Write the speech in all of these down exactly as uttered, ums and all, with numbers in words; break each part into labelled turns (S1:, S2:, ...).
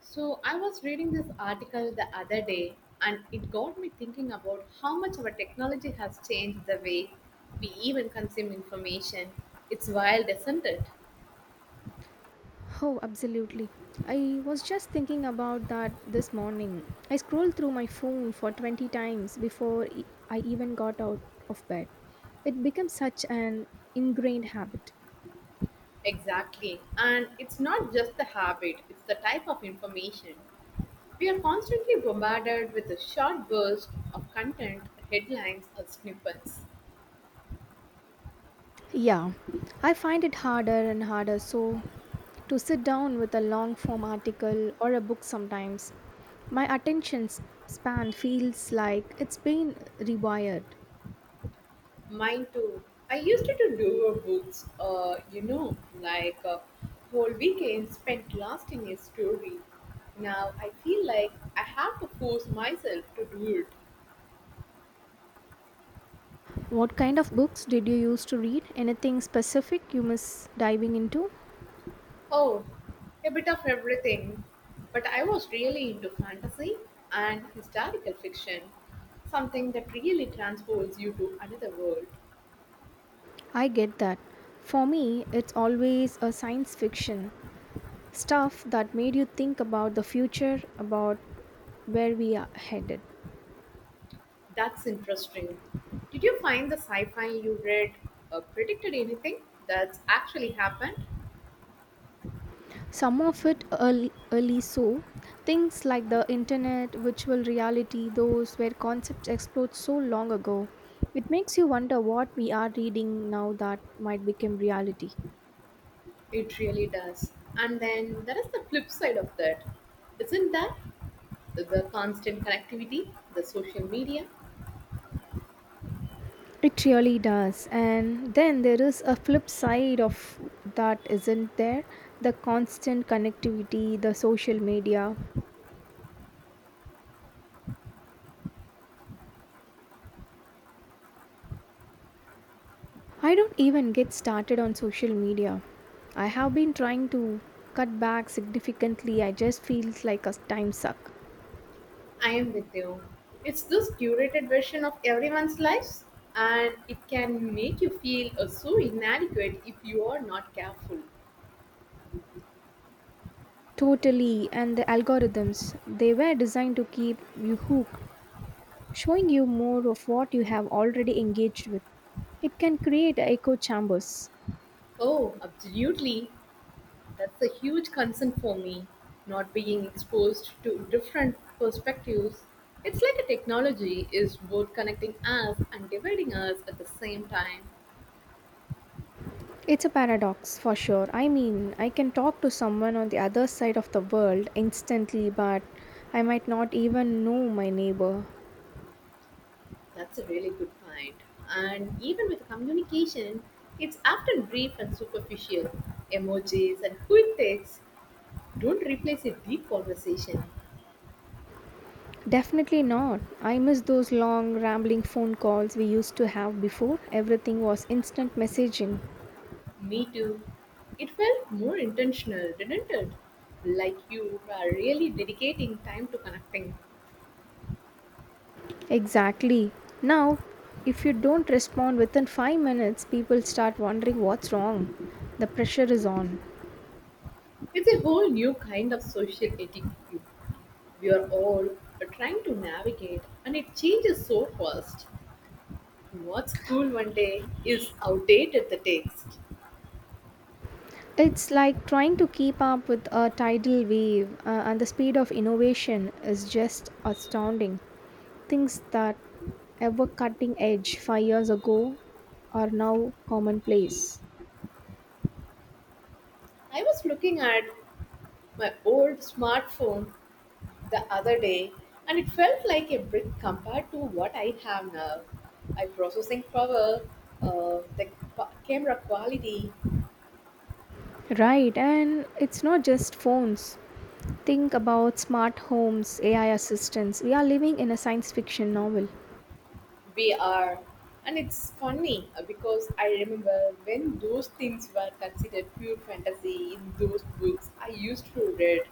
S1: So, I was reading this article the other day, and it got me thinking about how much our technology has changed the way we even consume information. It's wild, isn't it?
S2: Oh, absolutely. I was just thinking about that this morning. I scrolled through my phone for twenty times before e- I even got out of bed. It becomes such an ingrained habit.
S1: Exactly. And it's not just the habit, it's the type of information. We are constantly bombarded with a short burst of content, headlines, or snippets.
S2: Yeah, I find it harder and harder so to sit down with a long form article or a book sometimes. My attention s- span feels like it's been rewired.
S1: Mine too. I used to do a books, uh, you know, like uh, whole weekend spent lost in a story. Now I feel like I have to force myself to do it.
S2: What kind of books did you used to read? Anything specific you miss diving into?
S1: Oh, a bit of everything. But I was really into fantasy and historical fiction, something that really transports you to another world.
S2: I get that. For me, it's always a science fiction stuff that made you think about the future, about where we are headed.
S1: That's interesting. Did you find the sci fi you read uh, predicted anything that's actually happened?
S2: Some of it early, early so. Things like the internet, virtual reality, those were concepts explored so long ago. It makes you wonder what we are reading now that might become reality.
S1: It really does. And then there is the flip side of that, isn't that? The constant connectivity, the social media.
S2: It really does. And then there is a flip side of that, isn't there? The constant connectivity, the social media. I don't even get started on social media. I have been trying to cut back significantly. I just feel like a time suck.
S1: I am with you. It's this curated version of everyone's lives, and it can make you feel uh, so inadequate if you are not careful.
S2: Totally. And the algorithms, they were designed to keep you hooked, showing you more of what you have already engaged with. It can create echo chambers.
S1: Oh, absolutely. That's a huge concern for me, not being exposed to different perspectives. It's like a technology is both connecting us and dividing us at the same time.
S2: It's a paradox for sure. I mean, I can talk to someone on the other side of the world instantly, but I might not even know my neighbor.
S1: That's a really good point. And even with communication, it's often brief and superficial. Emojis and quick texts don't replace a deep conversation.
S2: Definitely not. I miss those long, rambling phone calls we used to have before. Everything was instant messaging.
S1: Me too. It felt more intentional, didn't it? Like you are really dedicating time to connecting.
S2: Exactly. Now, if you don't respond within five minutes, people start wondering what's wrong. The pressure is on.
S1: It's a whole new kind of social etiquette we are all trying to navigate, and it changes so fast. What's cool one day is outdated the text.
S2: It's like trying to keep up with a tidal wave, uh, and the speed of innovation is just astounding. Things that ever cutting edge five years ago are now commonplace.
S1: I was looking at my old smartphone the other day and it felt like a brick compared to what I have now. I processing power, uh, the qu- camera quality,
S2: Right, and it's not just phones. Think about smart homes, A I assistants. We are living in a science fiction novel.
S1: V R, and it's funny uh, because I remember when those things were considered pure fantasy in those books I used to read.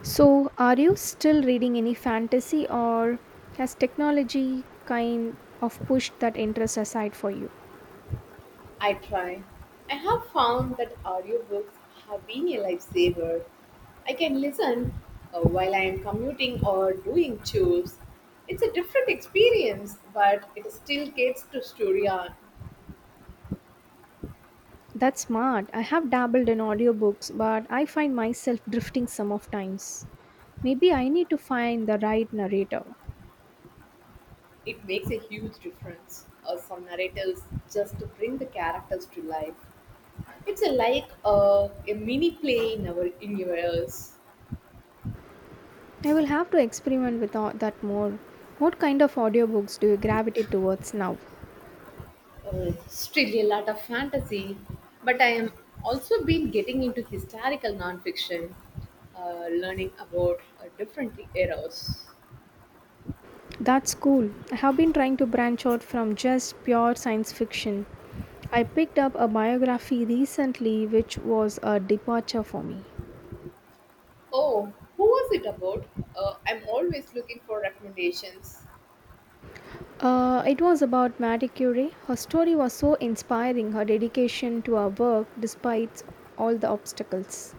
S2: So, are you still reading any fantasy, or has technology kind of pushed that interest aside for you?
S1: I try. I have found that audiobooks have been a lifesaver. I can listen uh, while I am commuting or doing chores. It's a different experience, but it still gets to story arc.
S2: That's smart. I have dabbled in audiobooks, but I find myself drifting some of times. Maybe I need to find the right narrator.
S1: It makes a huge difference. Uh, some narratives just to bring the characters to life. It's a, like uh, a mini play in our universe.
S2: I will have to experiment with all that more. What kind of audiobooks do you gravitate towards now?
S1: Uh, still a lot of fantasy, but I am also been getting into historical nonfiction, uh, learning about uh, different eras.
S2: That's cool. I have been trying to branch out from just pure science fiction. I picked up a biography recently, which was a departure for me.
S1: Oh, who was it about? Uh, I'm always looking for recommendations.
S2: Uh, it was about Marie Curie. Her story was so inspiring, her dedication to her work despite all the obstacles.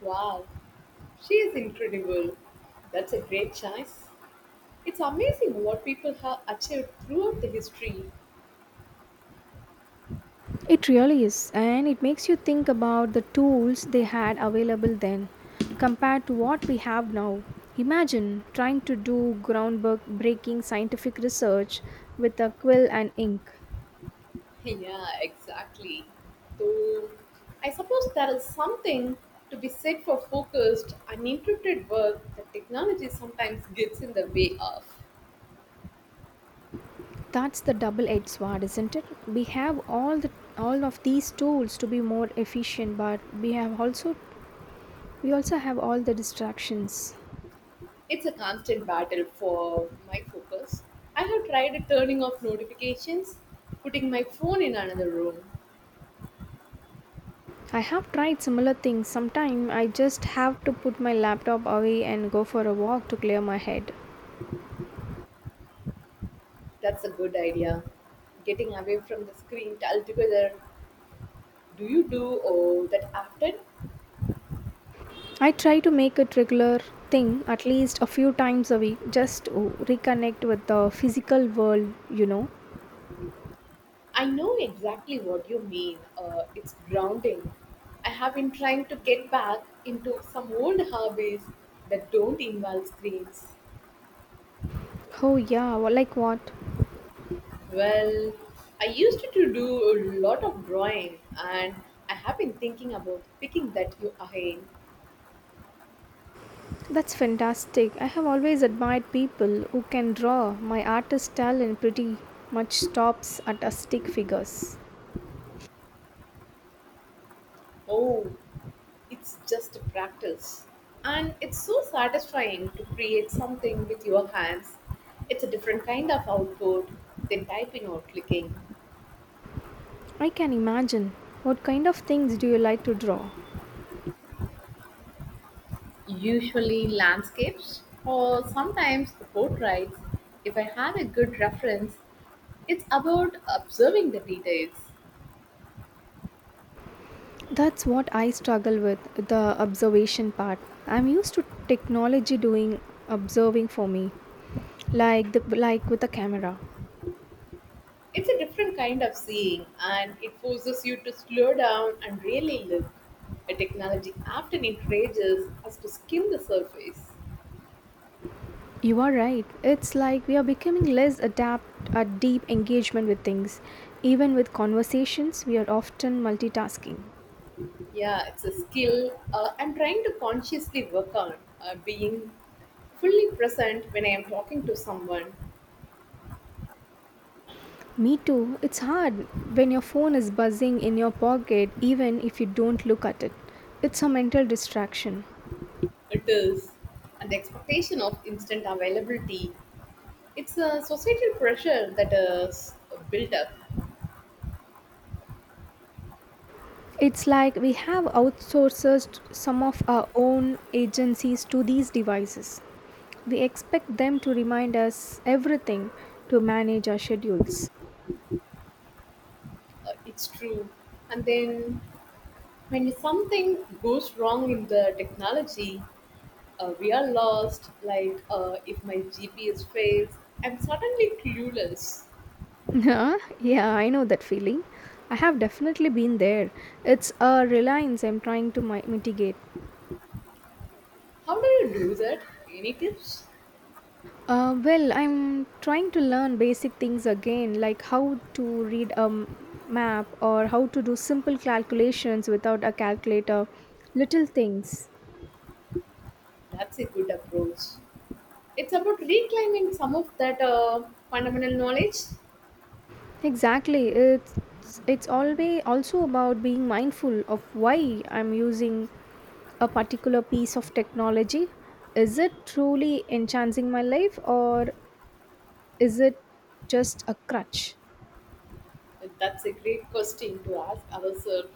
S1: Wow, she is incredible. That's a great choice. It's amazing what people have achieved throughout the history.
S2: It really is, and it makes you think about the tools they had available then compared to what we have now. Imagine trying to do groundbreaking scientific research with a quill and ink.
S1: Yeah, exactly. So I suppose there is something to be said for focused, uninterrupted work that technology sometimes gets in the way of.
S2: That's the double-edged sword, isn't it? We have all the All of these tools to be more efficient, but we have also We also have all the distractions.
S1: It's a constant battle for my focus. I have tried turning off notifications, putting my phone in another room.
S2: I have tried similar things. Sometimes I just have to put my laptop away and go for a walk to clear my head.
S1: That's a good idea. Getting away from the screen altogether. Do you do oh, that often?
S2: I try to make it regular thing at least a few times a week just to reconnect with the physical world, you know.
S1: I know exactly what you mean. Uh, it's grounding. I have been trying to get back into some old hobbies that don't involve screens.
S2: Oh yeah, well, like what?
S1: Well, I used to do a lot of drawing and I have been thinking about picking that you again.
S2: That's fantastic. I have always admired people who can draw. My artist talent pretty much stops at stick figures.
S1: Oh, it's just a practice. And it's so satisfying to create something with your hands. It's a different kind of output than typing or clicking.
S2: I can imagine. What kind of things do you like to draw?
S1: Usually landscapes or sometimes portraits. If I have a good reference, it's about observing the details.
S2: That's what I struggle with the observation part. I'm used to technology doing observing for me, like the like with a camera.
S1: It's a different kind of seeing, and it forces you to slow down and really look. A technology often encourages us to skim the surface.
S2: You are right. It's like we are becoming less adept at deep engagement with things. Even with conversations, we are often multitasking.
S1: Yeah, it's a skill uh, I'm trying to consciously work on uh, being fully present when I am talking to someone.
S2: Me too. It's hard when your phone is buzzing in your pocket even if you don't look at it. It's a mental distraction.
S1: It is, and the expectation of instant availability. It's a societal pressure that is built up.
S2: It's like we have outsourced some of our own agencies to these devices. We expect them to remind us everything to manage our schedules.
S1: Uh, it's true, and then when something goes wrong in the technology, uh, we are lost. Like uh, if my G P S fails, I'm suddenly clueless.
S2: Huh? Yeah, I know that feeling. I have definitely been there. It's a reliance I'm trying to mi- mitigate.
S1: How do you do that? Any tips?
S2: Uh, well, I'm trying to learn basic things again, like how to read a m- map or how to do simple calculations without a calculator, little things.
S1: That's a good approach. It's about reclaiming some of that uh, fundamental knowledge.
S2: Exactly. It's it's always also about being mindful of why I'm using a particular piece of technology. Is it truly enhancing my life or is it just a crutch?
S1: That's a great question to ask ourselves.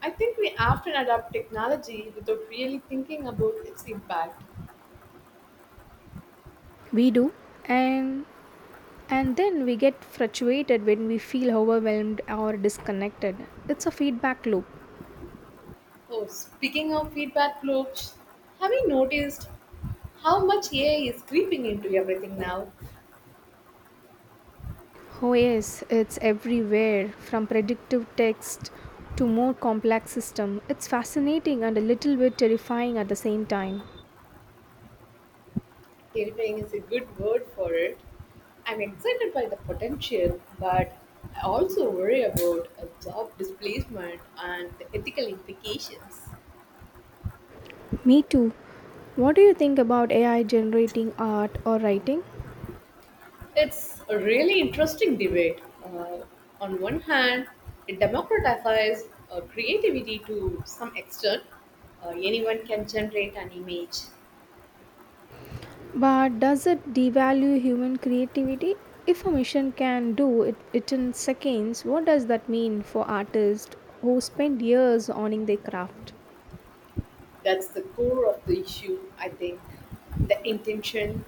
S1: I think we often adopt technology without really thinking about its impact.
S2: We do and and then we get frustrated when we feel overwhelmed or disconnected. It's a feedback loop.
S1: Oh, speaking of feedback loops, have you noticed how much A I is creeping into everything now?
S2: Oh, yes, it's everywhere from predictive text to more complex system. It's fascinating and a little bit terrifying at the same time.
S1: Terrifying is a good word for it. I'm excited by the potential, but I also worry about a job displacement and the ethical implications.
S2: Me too. What do you think about A I generating art or writing?
S1: It's a really interesting debate. Uh, on one hand, it democratizes uh, creativity to some extent. Uh, anyone can generate an image.
S2: But does it devalue human creativity? If a machine can do it, it in seconds, what does that mean for artists who spend years honing their craft?
S1: That's the core of the issue, I think. The intention,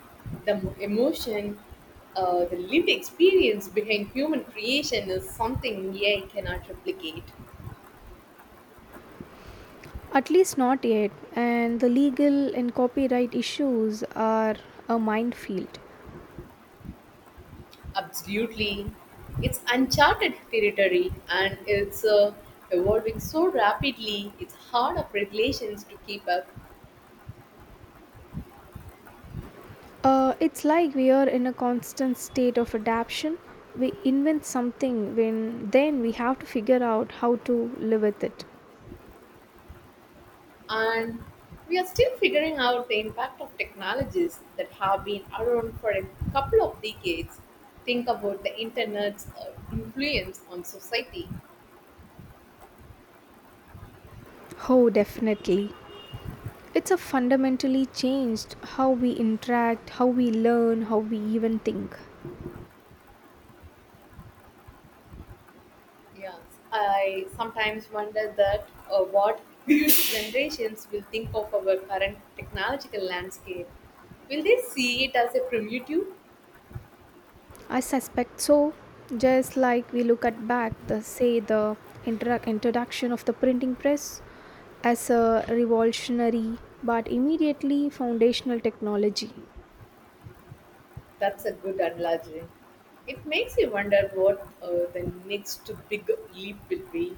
S1: the mo- emotion, uh, the lived experience behind human creation is something A I cannot replicate.
S2: At least not yet, and the legal and copyright issues are a minefield.
S1: Absolutely. It's uncharted territory and it's uh, evolving so rapidly, it's hard of regulations to keep up.
S2: Uh, it's like we are in a constant state of adaptation. We invent something when then we have to figure out how to live with it.
S1: And we are still figuring out the impact of technologies that have been around for a couple of decades. Think about the internet's uh, influence on society.
S2: Oh, definitely. It's a fundamentally changed how we interact, how we learn, how we even think.
S1: Yes, I sometimes wonder that uh, what future generations will think of our current technological landscape. Will they see it as a primitive?
S2: I suspect so. Just like we look at back the say the introduc- introduction of the printing press as a revolutionary but immediately foundational technology.
S1: That's a good analogy. It makes you wonder what uh, the next big leap will be.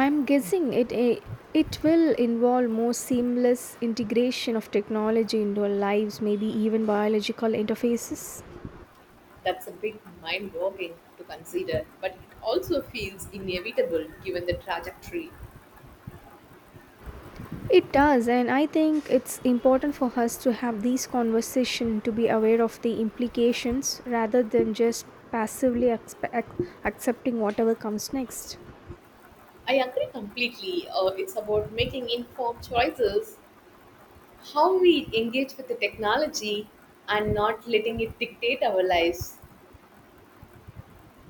S2: I'm guessing it eh, it will involve more seamless integration of technology into our lives, maybe even biological interfaces.
S1: That's a big mind boggling to consider, but it also feels inevitable given the trajectory.
S2: It does, and I think it's important for us to have these conversations to be aware of the implications rather than just passively expe- ac- accepting whatever comes next.
S1: I agree completely. Uh, it's about making informed choices, how we engage with the technology, and not letting it dictate our lives.